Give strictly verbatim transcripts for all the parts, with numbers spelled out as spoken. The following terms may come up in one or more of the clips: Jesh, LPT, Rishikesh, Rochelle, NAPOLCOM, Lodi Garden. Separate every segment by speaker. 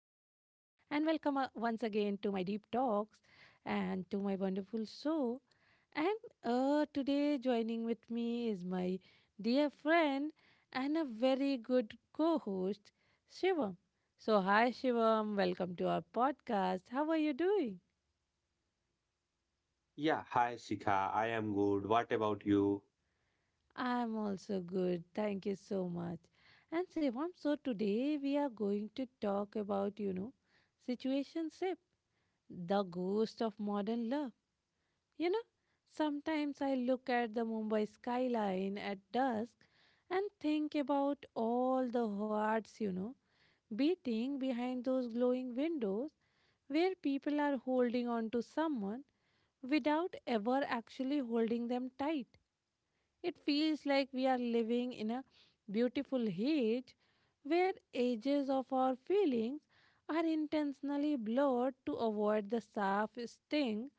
Speaker 1: and welcome uh, once again to my deep talks and to my wonderful show. And uh, today, joining with me is my dear friend and a very good co host, Shivam. So, hi, Shivam, welcome to our podcast. How are you doing?
Speaker 2: Yeah, hi Sika. I am good. What about you?
Speaker 1: I'm also good. Thank you so much. And Shivam, so today we are going to talk about, you know, situationship, the ghost of modern love. You know, sometimes I look at the Mumbai skyline at dusk and think about all the hearts, you know, beating behind those glowing windows where people are holding on to someone without ever actually holding them tight. It feels like we are living in a beautiful age where edges of our feelings are intentionally blurred to avoid the sharp sting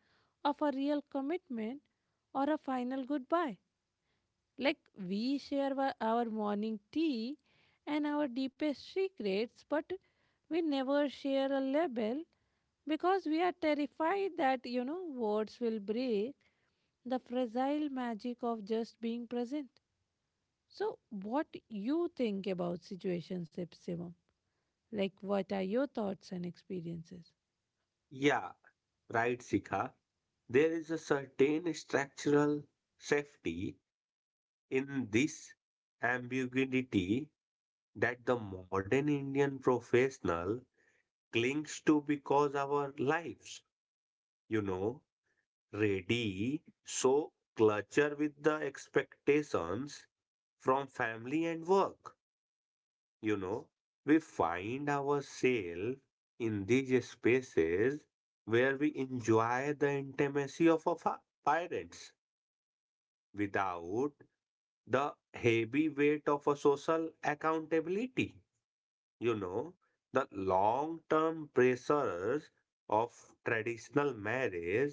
Speaker 1: of a real commitment or a final goodbye. Like we share wa- our morning tea and our deepest secrets, but we never share a label because we are terrified that, you know, words will break the fragile magic of just being present. So, what you think about situationships, Shivam? Like, what are your thoughts and experiences?
Speaker 2: Yeah, right, Sika. There is a certain structural safety in this ambiguity that the modern Indian professional clings to because our lives, you know, ready, so clutter with the expectations from family and work. You know, we find ourselves in these spaces where we enjoy the intimacy of our fa- parents without the heavy weight of a social accountability. You know, the long term pressures of traditional marriage,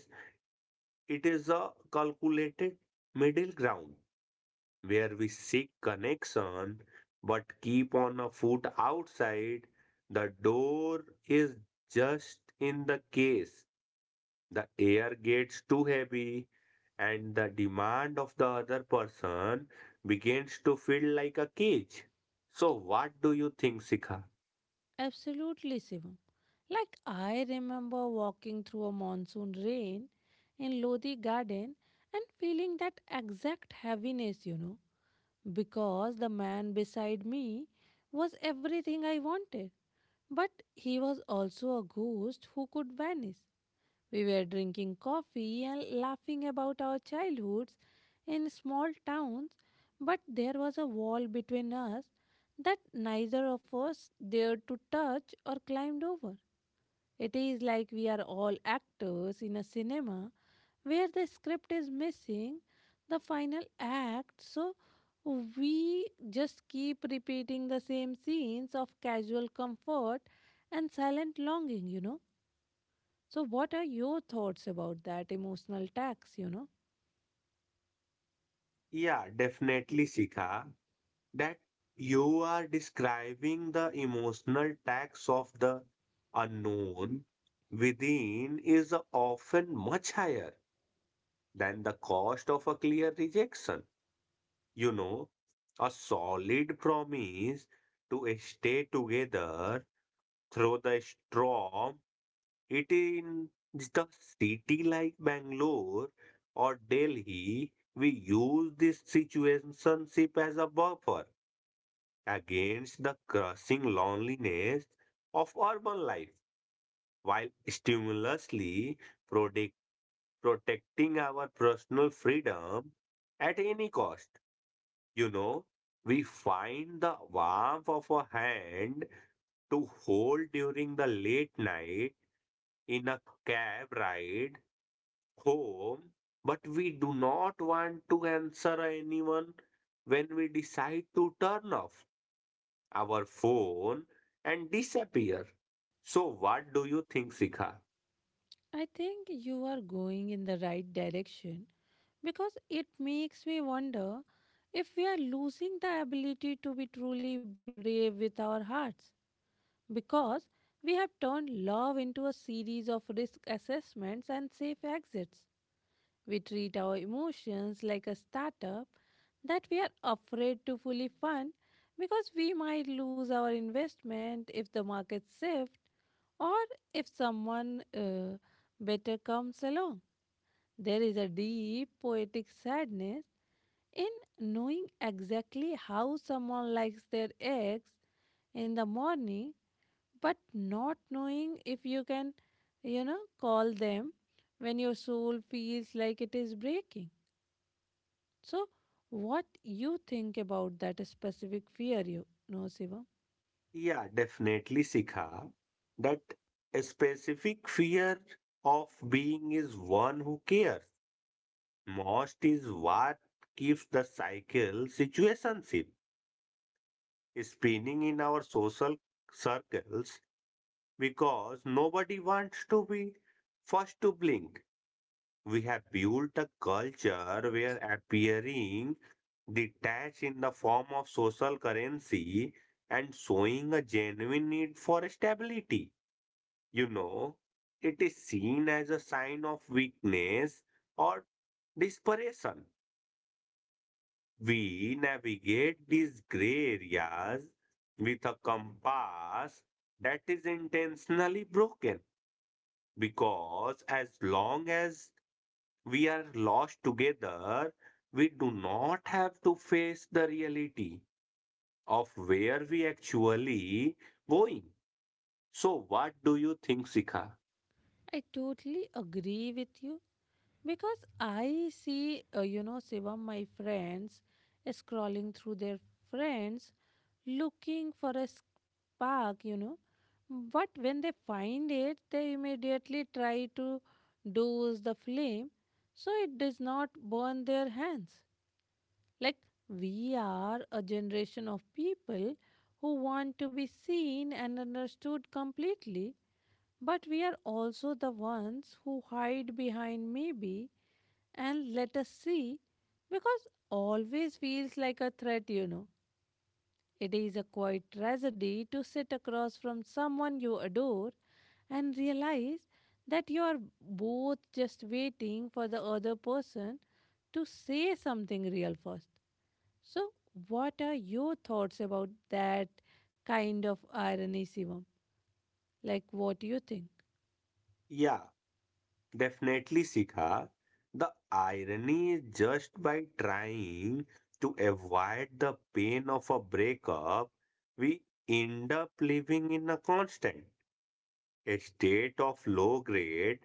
Speaker 2: it is a calculated middle ground where we seek connection but keep on a foot outside. The door is just in the case the air gets too heavy and the demand of the other person begins to feel like a cage. So, what do you think, Sika?
Speaker 1: Absolutely, Shivam. Like I remember walking through a monsoon rain in Lodi Garden and feeling that exact heaviness, you know, because the man beside me was everything I wanted. But he was also a ghost who could vanish. We were drinking coffee and laughing about our childhoods in small towns, but there was a wall between us that neither of us dared to touch or climbed over. It is like we are all actors in a cinema where the script is missing the final act, so we just keep repeating the same scenes of casual comfort and silent longing, you know. So, what are your thoughts about that emotional tax? You know,
Speaker 2: Yeah, definitely, Sika. That you are describing the emotional tax of the unknown within is often much higher than the cost of a clear rejection. You know, a solid promise to stay together through the storm. It in the city like Bangalore or Delhi, we use this situationship as a buffer against the crushing loneliness of urban life while stimulously protect, protecting our personal freedom at any cost. You know, we find the warmth of a hand to hold during the late night in a cab ride home, but we do not want to answer anyone when we decide to turn off our phone and disappear. So what do you think, Sikha?
Speaker 1: I think you are going in the right direction because it makes me wonder if we are losing the ability to be truly brave with our hearts because we have turned love into a series of risk assessments and safe exits. We treat our emotions like a startup that we are afraid to fully fund because we might lose our investment if the markets shift or if someone uh, better comes along. There is a deep poetic sadness in knowing exactly how someone likes their eggs in the morning, but not knowing if you can, you know, call them when your soul feels like it is breaking. So, what you think about that specific fear, you know, Shivam?
Speaker 2: Yeah, definitely, Sikha. That a specific fear of being is one who cares. Most is what keeps the cycle situationship spinning in our social circles because nobody wants to be first to blink. We have built a culture where appearing detached in the form of social currency and showing a genuine need for stability. You know, it is seen as a sign of weakness or desperation. We navigate these gray areas with a compass that is intentionally broken because as long as we are lost together, we do not have to face the reality of where we actually going. So, what do you think, Sikha?
Speaker 1: I totally agree with you because I see, uh, you know, Shivam, my friends scrolling through their friends looking for a spark, you know. But when they find it, they immediately try to douse the flame so it does not burn their hands. Like, we are a generation of people who want to be seen and understood completely, but we are also the ones who hide behind maybe and let us see because always feels like a threat, you know. It is a quiet tragedy to sit across from someone you adore and realize that you are both just waiting for the other person to say something real first. So, what are your thoughts about that kind of irony, Shivam? Like, what do you think?
Speaker 2: Yeah, definitely, Sikha. The irony is just by trying to avoid the pain of a breakup, we end up living in a constant state of low grade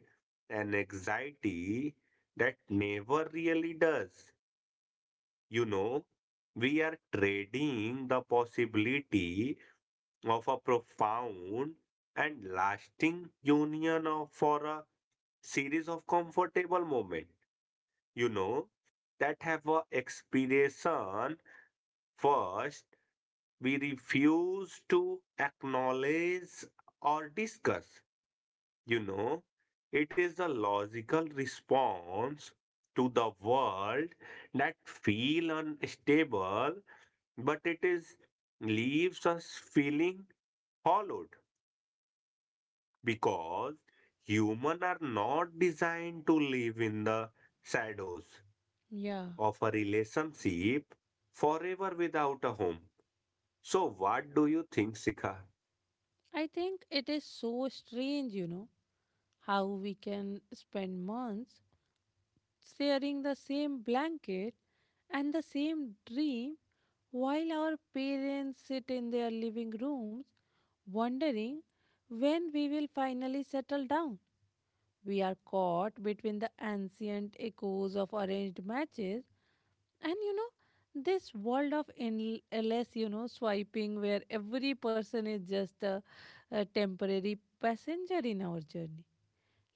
Speaker 2: and anxiety that never really does. You know, we are trading the possibility of a profound and lasting union of, for a series of comfortable moments, you know, that have a expiration first we refuse to acknowledge or discuss, you know. It is the logical response to the world that feel unstable but it is leaves us feeling hollowed because humans are not designed to live in the shadows
Speaker 1: Yeah.
Speaker 2: of a relationship forever without a home. So what do you think, Sikha?
Speaker 1: I think it is so strange, you know, how we can spend months sharing the same blanket and the same dream while our parents sit in their living rooms wondering when we will finally settle down. We are caught between the ancient echoes of arranged matches and you know this world of endless you know swiping where every person is just a, a temporary passenger in our journey.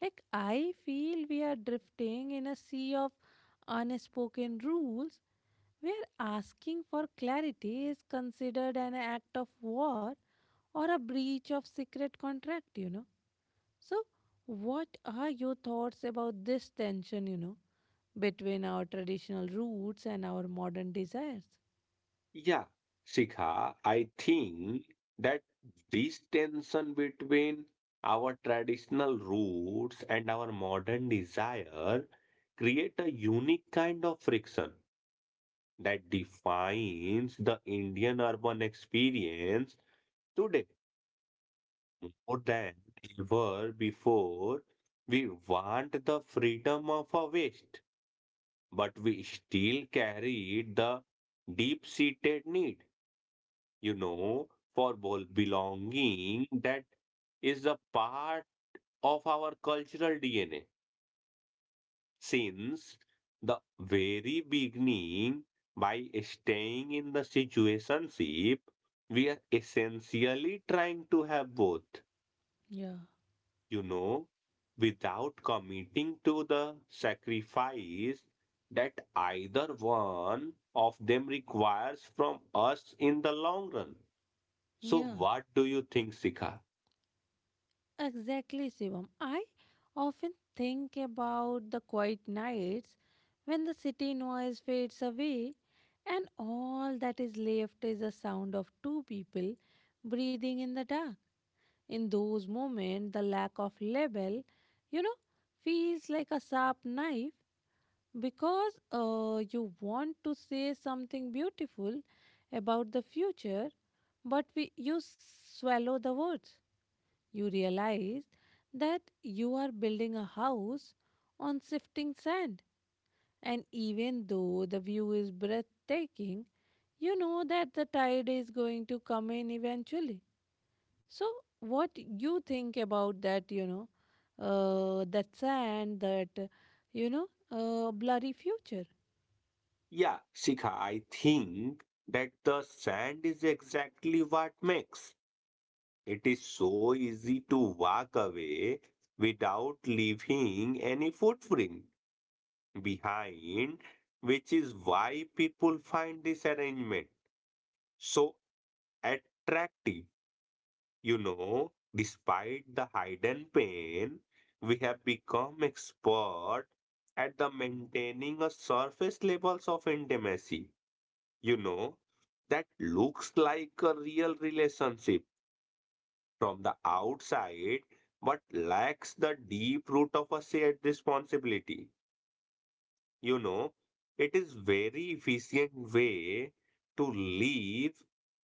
Speaker 1: Like I feel we are drifting in a sea of unspoken rules where asking for clarity is considered an act of war or a breach of secret contract, you know so what are your thoughts about this tension, you know between our traditional roots and our modern desires?
Speaker 2: Yeah, Sikha, I think that this tension between our traditional roots and our modern desire create a unique kind of friction that defines the Indian urban experience today more than ever before. We want the freedom of a West, but we still carry the deep seated need, you know, for bol- belonging that is a part of our cultural D N A. Since the very beginning by staying in the situationship we are essentially trying to have both,
Speaker 1: Yeah,
Speaker 2: you know, without committing to the sacrifice that either one of them requires from us in the long run. So
Speaker 1: yeah,
Speaker 2: what do you think, Sika?
Speaker 1: exactly, Shivam. I often think about the quiet nights when the city noise fades away and all that is left is the sound of two people breathing in the dark. In those moments, the lack of label, you know, feels like a sharp knife because uh, you want to say something beautiful about the future, but we, you swallow the words. You realize that you are building a house on shifting sand. And even though the view is breathtaking, you know that the tide is going to come in eventually. So, what you think about that, you know, uh, that sand, that, uh, you know, uh, blurry future?
Speaker 2: Yeah, Shikha, I think that the sand is exactly what makes it is so easy to walk away without leaving any footprint behind, which is why people find this arrangement so attractive. You know, despite the hidden pain, we have become expert at the maintaining a surface levels of intimacy, you know, that looks like a real relationship from the outside but lacks the deep root of a shared responsibility. You know, it is very efficient way to leave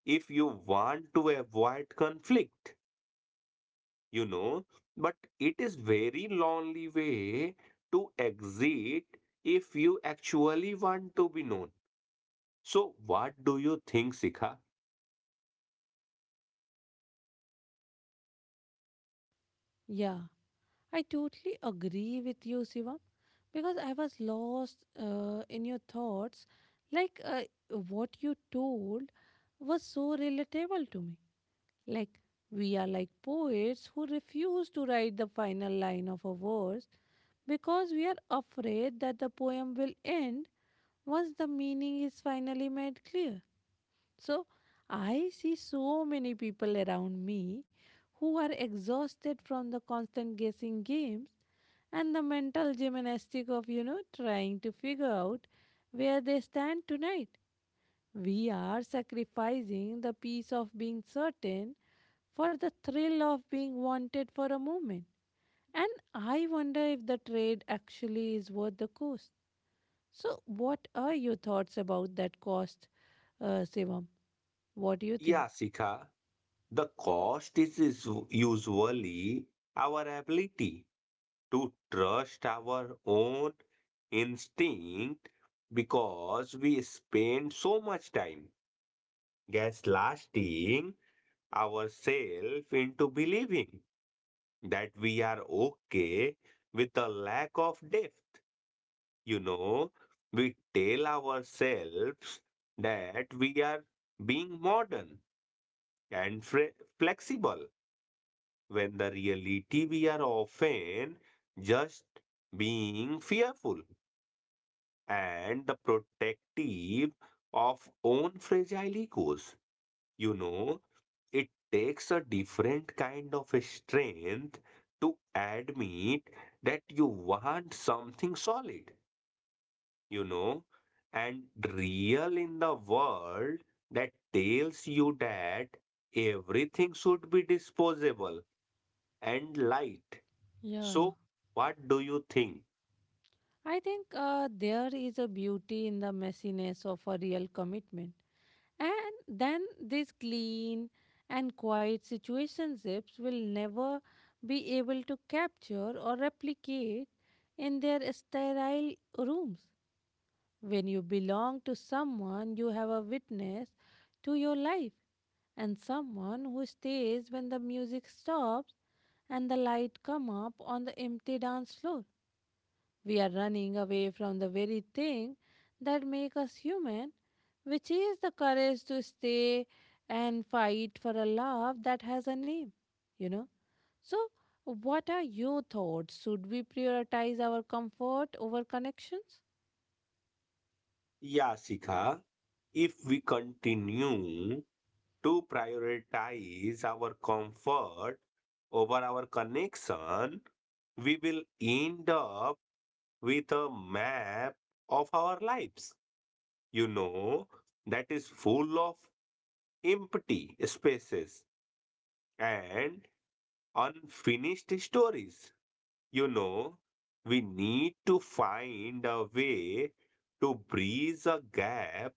Speaker 2: if you want to avoid conflict, you know, but it is very lonely way to exit if you actually want to be known. So what do you think, Sikha?
Speaker 1: Yeah, I totally agree with you, Shivam, because I was lost uh, in your thoughts. Like uh, what you told was so relatable to me. Like we are like poets who refuse to write the final line of a verse because we are afraid that the poem will end once the meaning is finally made clear. So I see so many people around me who are exhausted from the constant guessing games and the mental gymnastic of, you know, trying to figure out where they stand tonight. We are sacrificing the peace of being certain for the thrill of being wanted for a moment. And I wonder if the trade actually is worth the cost. So, what are your thoughts about that cost, uh, Sivam? What do you think?
Speaker 2: Yeah, Sikha. The cost is is usually our ability to trust our own instinct because we spend so much time gaslighting ourselves into believing that we are okay with the lack of depth. You know, we tell ourselves that we are being modern and fre- flexible when the reality we are often just being fearful and the protective of own fragile egos. You know, it takes a different kind of strength to admit that you want something solid, you know, and real in the world that tells you that everything should be disposable and light.
Speaker 1: Yeah.
Speaker 2: So, what do you think,
Speaker 1: I think uh, there is a beauty in the messiness of a real commitment. And then these clean and quiet situationships will never be able to capture or replicate in their sterile rooms. When you belong to someone, you have a witness to your life and someone who stays when the music stops and the light come up on the empty dance floor. We are running away from the very thing that makes us human, which is the courage to stay and fight for a love that has a name, you know. So, what are your thoughts? Should we prioritize our comfort over connections?
Speaker 2: Yasika? If we continue to prioritize our comfort over our connection, we will end up with a map of our lives, you know, that is full of empty spaces and unfinished stories. You know, we need to find a way to bridge a gap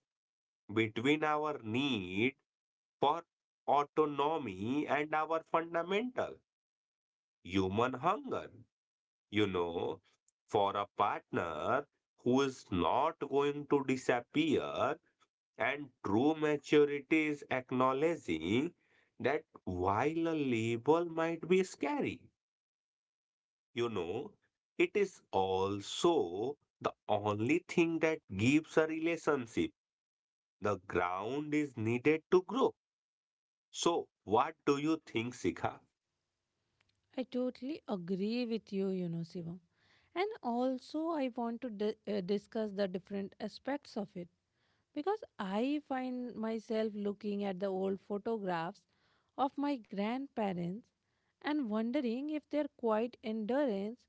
Speaker 2: between our need for autonomy and our fundamental human hunger, you know, for a partner who is not going to disappear. And true maturity is acknowledging that while a label might be scary, you know, it is also the only thing that gives a relationship. The ground is needed to grow. So, what do you think, Sikha?
Speaker 1: I totally agree with you, you know, Sivam. And also, I want to di- uh, discuss the different aspects of it because I find myself looking at the old photographs of my grandparents and wondering if their quiet endurance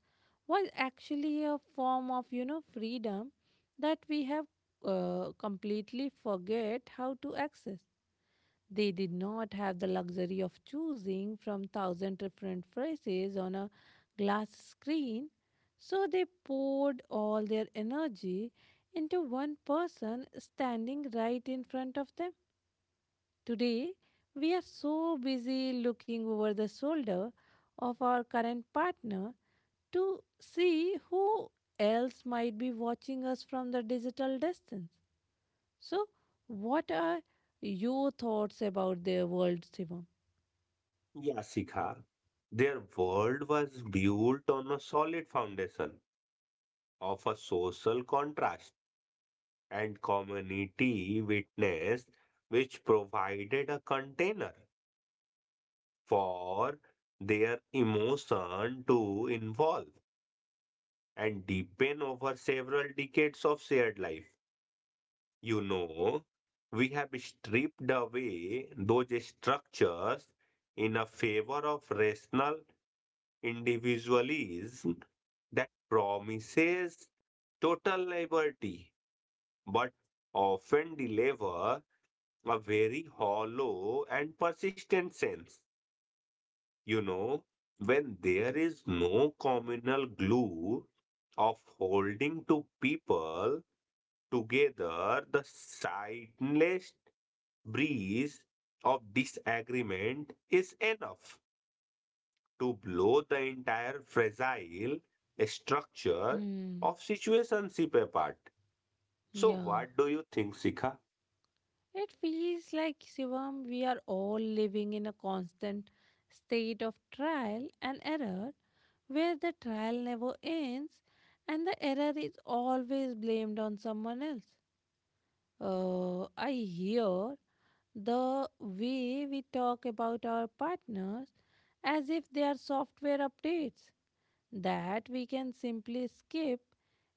Speaker 1: was actually a form of you know freedom that we have uh, completely forget how to access. They did not have the luxury of choosing from thousand different phrases on a glass screen, so they poured all their energy into one person standing right in front of them. Today, we are so busy looking over the shoulder of our current partner to see who else might be watching us from the digital distance. So, what are your thoughts about their world, Shivam?
Speaker 2: Yeah, Sikha. Their world was built on a solid foundation of a social contrast and community witness, which provided a container for their emotion to evolve and deepen over several decades of shared life. You know, we have stripped away those structures in a favor of rational individualism that promises total liberty but often deliver a very hollow and persistent sense. You know, when there is no communal glue of holding two people together, the sightless breeze of disagreement is enough to blow the entire fragile structure
Speaker 1: Hmm.
Speaker 2: of situationship apart. So
Speaker 1: Yeah.
Speaker 2: what do you think, Sikha?
Speaker 1: It feels like, Shivam, we are all living in a constant state of trial and error where the trial never ends and the error is always blamed on someone else. Uh, I hear the way we talk about our partners as if they are software updates that we can simply skip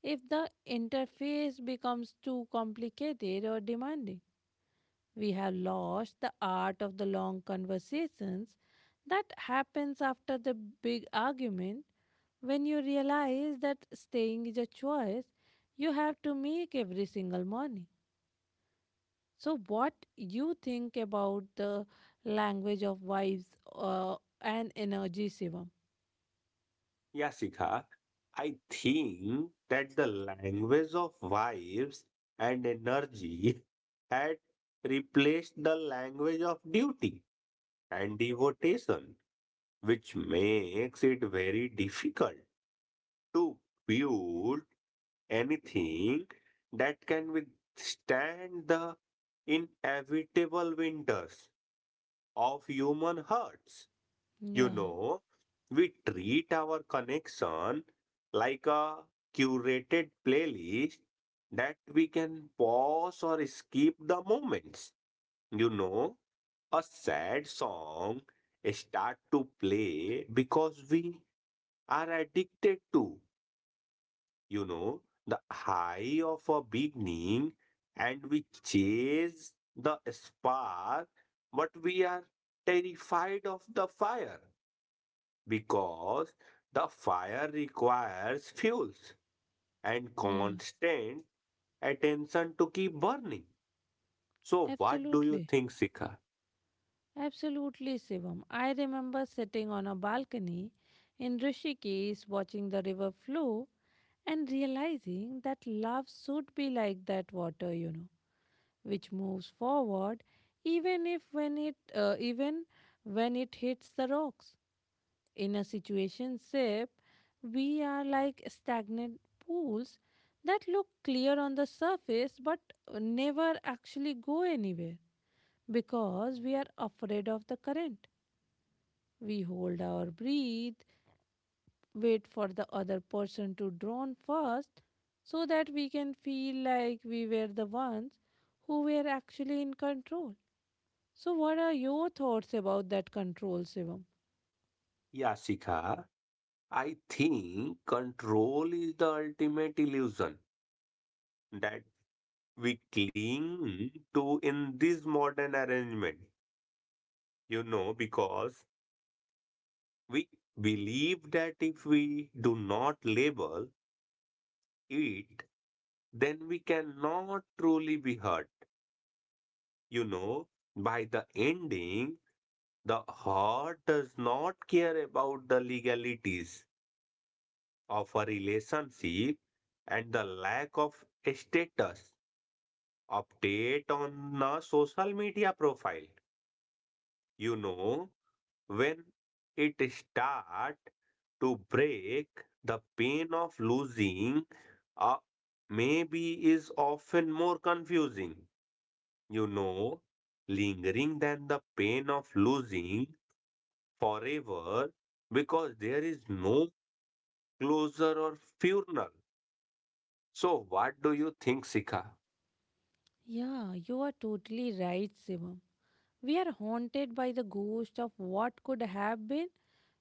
Speaker 1: if the interface becomes too complicated or demanding. We have lost the art of the long conversations that happens after the big argument when you realize that staying is a choice you have to make every single morning. So, what you think about the language of wives uh, and energy, Shivam?
Speaker 2: Yeah, Sikha, I think that the language of vibes and energy had replaced the language of duty and devotion, which makes it very difficult to build anything that can withstand the inevitable winters of human hearts. You
Speaker 1: Yeah,
Speaker 2: know, we treat our connection like a curated playlist that we can pause or skip the moments. You know, a sad song start to play because we are addicted to, you know, the high of a beginning, and we chase the spark, but we are terrified of the fire because the fire requires fuels and
Speaker 1: yeah,
Speaker 2: constant attention to keep burning. So, what do you
Speaker 1: absolutely.
Speaker 2: think, Sika?
Speaker 1: Absolutely, Shivam. I remember sitting on a balcony in Rishikesh watching the river flow and realizing that love should be like that water, you know, which moves forward even if when it uh, even when it hits the rocks. In a situation ship, we are like stagnant pools that look clear on the surface but never actually go anywhere because we are afraid of the current. We hold our breath, wait for the other person to drown first, so that we can feel like we were the ones who were actually in control. So, what are your thoughts about that control, Shivam?
Speaker 2: Yeah, Sika, I think control is the ultimate illusion that we cling to in this modern arrangement, you know, because we believe that if we do not label it, then we cannot truly be hurt. You know, by the ending, the heart does not care about the legalities of a relationship and the lack of status update on a social media profile. You know, when it start to break the pain of losing uh, maybe is often more confusing, you know, lingering than the pain of losing forever because there is no closure or funeral. So what do you think, Sikha?
Speaker 1: Yeah, you are totally right, Shivam. We are haunted by the ghost of what could have been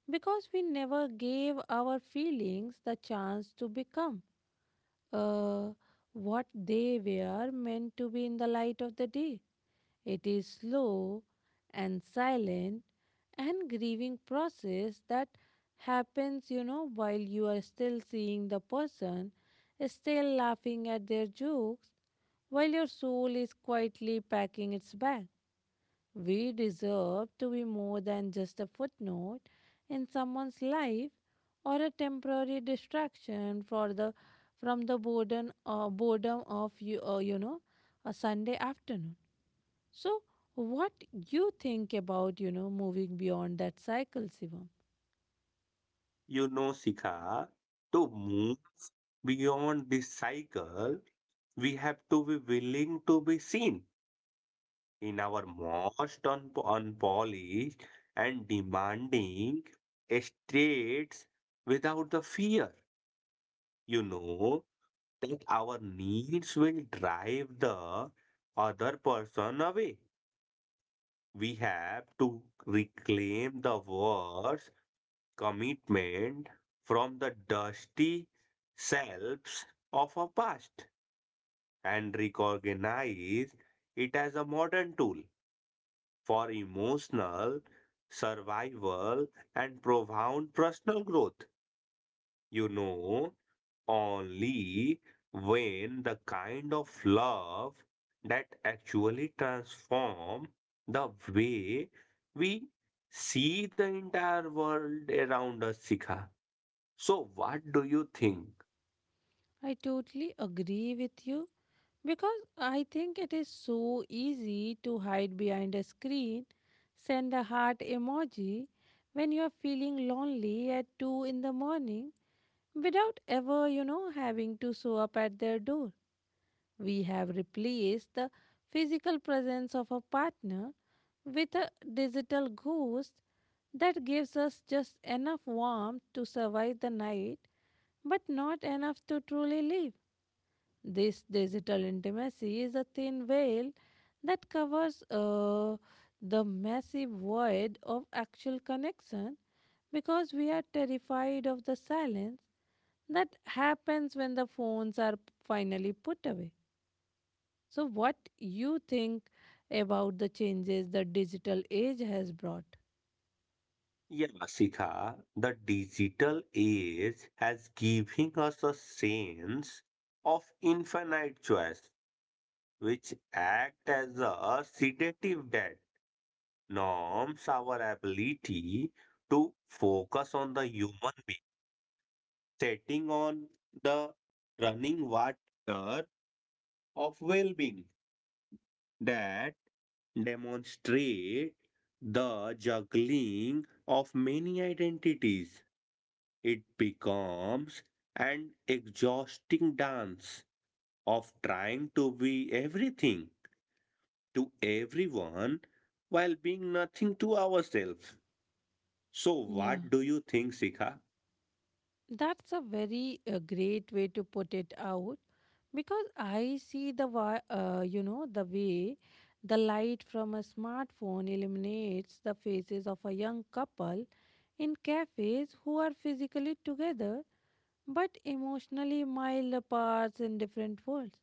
Speaker 1: because we never gave our feelings the chance to become uh, what they were meant to be in the light of the day. It is slow and silent and grieving process that happens, you know, while you are still seeing the person, still laughing at their jokes, while your soul is quietly packing its bag. We deserve to be more than just a footnote in someone's life or a temporary distraction for the from the boredom, uh, boredom of you, uh, you know, a Sunday afternoon. So, what you think about, you know, moving beyond that cycle, Shivam?
Speaker 2: You know, Sikha, to move beyond this cycle we have to be willing to be seen in our most un- unpolished and demanding states without the fear, you know, that our needs will drive the other person away. We have to reclaim the words commitment from the dusty selves of our past and recognize it as a modern tool for emotional survival and profound personal growth. You know, only when the kind of love that actually transform the way we see the entire world around us, Sikha. So, what do you think?
Speaker 1: I totally agree with you because I think it is so easy to hide behind a screen, send a heart emoji when you are feeling lonely at two in the morning without ever, you know, having to show up at their door. We have replaced the physical presence of a partner with a digital ghost that gives us just enough warmth to survive the night, but not enough to truly live. This digital intimacy is a thin veil that covers uh, the massive void of actual connection because we are terrified of the silence that happens when the phones are finally put away. So, what you think about the changes the digital age has brought?
Speaker 2: Yeah, Sikha, the digital age has given us a sense of infinite choice which act as a sedative that norms our ability to focus on the human being, setting on the running water of well being that demonstrate the juggling of many identities. It becomes an exhausting dance of trying to be everything to everyone while being nothing to ourselves. So,
Speaker 1: Yeah.
Speaker 2: what do you think, Sika?
Speaker 1: That's a very uh, great way to put it out because I see the wi- uh, you know, the way the light from a smartphone illuminates the faces of a young couple in cafes who are physically together but emotionally mile apart in different worlds.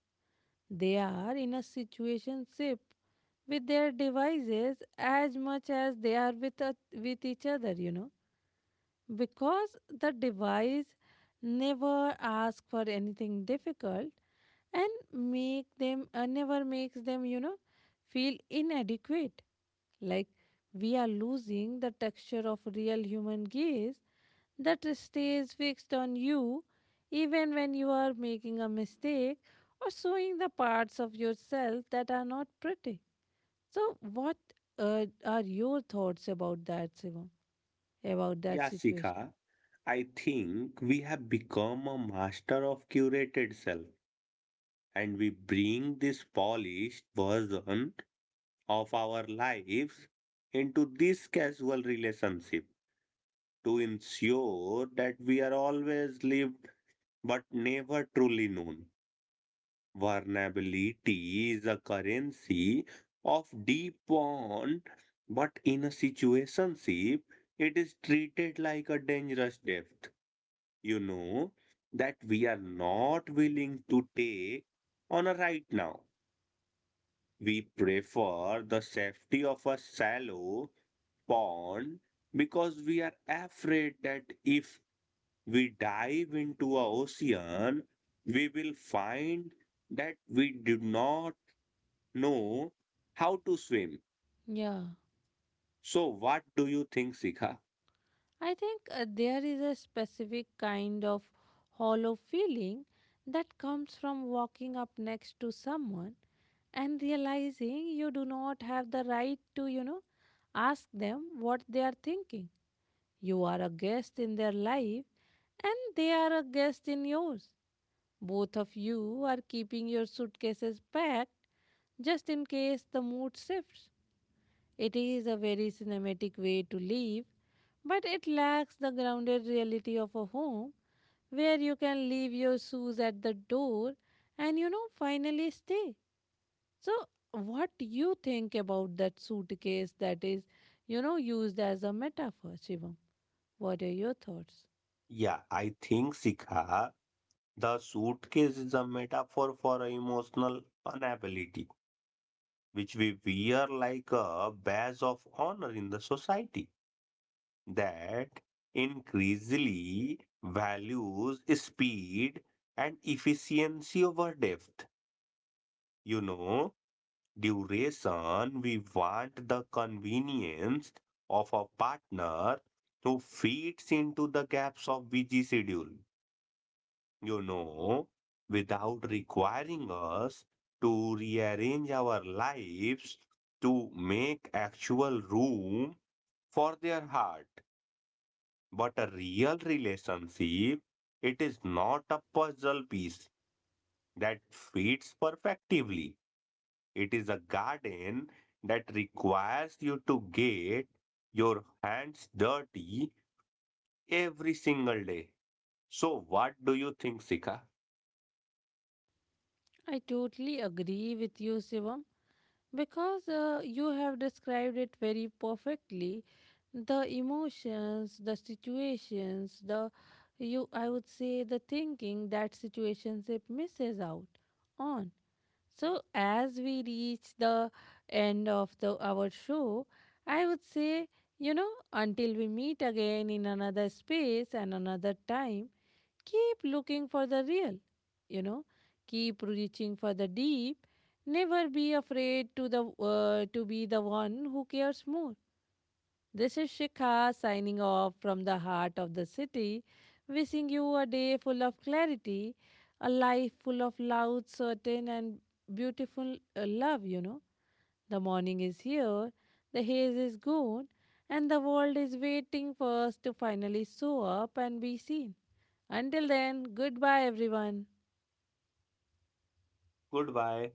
Speaker 1: They are in a situationship with their devices as much as they are with a, with each other, you know, because the device never asks for anything difficult and make them uh, never makes them, you know feel inadequate. Like we are losing the texture of real human gaze that stays fixed on you even when you are making a mistake or showing the parts of yourself that are not pretty. So what uh, are your thoughts about that, Shivam, about that
Speaker 2: Yeah,
Speaker 1: situation?
Speaker 2: Sika, I think we have become a master of curated self and we bring this polished version of our lives into this casual relationship to ensure that we are always lived but never truly known. Vulnerability is a currency of deep bond, but in a situationship, it is treated like a dangerous debt. You know that we are not willing to take on a right now. We prefer the safety of a shallow pond because we are afraid that if we dive into a ocean, we will find that we do not know how to swim.
Speaker 1: Yeah,
Speaker 2: So, what do you think, Sika?
Speaker 1: I think uh, there is a specific kind of hollow feeling that comes from walking up next to someone and realizing you do not have the right to, you know, ask them what they are thinking. You are a guest in their life and they are a guest in yours. Both of you are keeping your suitcases packed just in case the mood shifts. It is a very cinematic way to live, but it lacks the grounded reality of a home where you can leave your shoes at the door and you know finally stay. So what do you think about that suitcase that is you know used as a metaphor, Shivam? What are your thoughts?
Speaker 2: Yeah, I think Sikha, the suitcase is a metaphor for emotional unavailability, which we wear like a badge of honor in the society that increasingly values speed and efficiency over depth. You know, duration. We want the convenience of a partner who fits into the gaps of busy schedule, you know, without requiring us to rearrange our lives to make actual room for their heart. But a real relationship, it is not a puzzle piece that fits perfectly. It is a garden that requires you to get your hands dirty every single day. So, what do you think, Sika?
Speaker 1: I totally agree with you, Shivam, because uh, you have described it very perfectly, the emotions, the situations, the you I would say the thinking that situationship misses out on. So as we reach the end of the our show, I would say, you know, until we meet again in another space and another time, keep looking for the real, you know keep reaching for the deep, never be afraid to the uh, to be the one who cares more. This is Shikha signing off from the heart of the city, wishing you a day full of clarity, a life full of loud certain and beautiful uh, love, you know the morning is here, the haze is gone, and the world is waiting for us to finally show up and be seen. Until then, goodbye, everyone.
Speaker 2: Goodbye.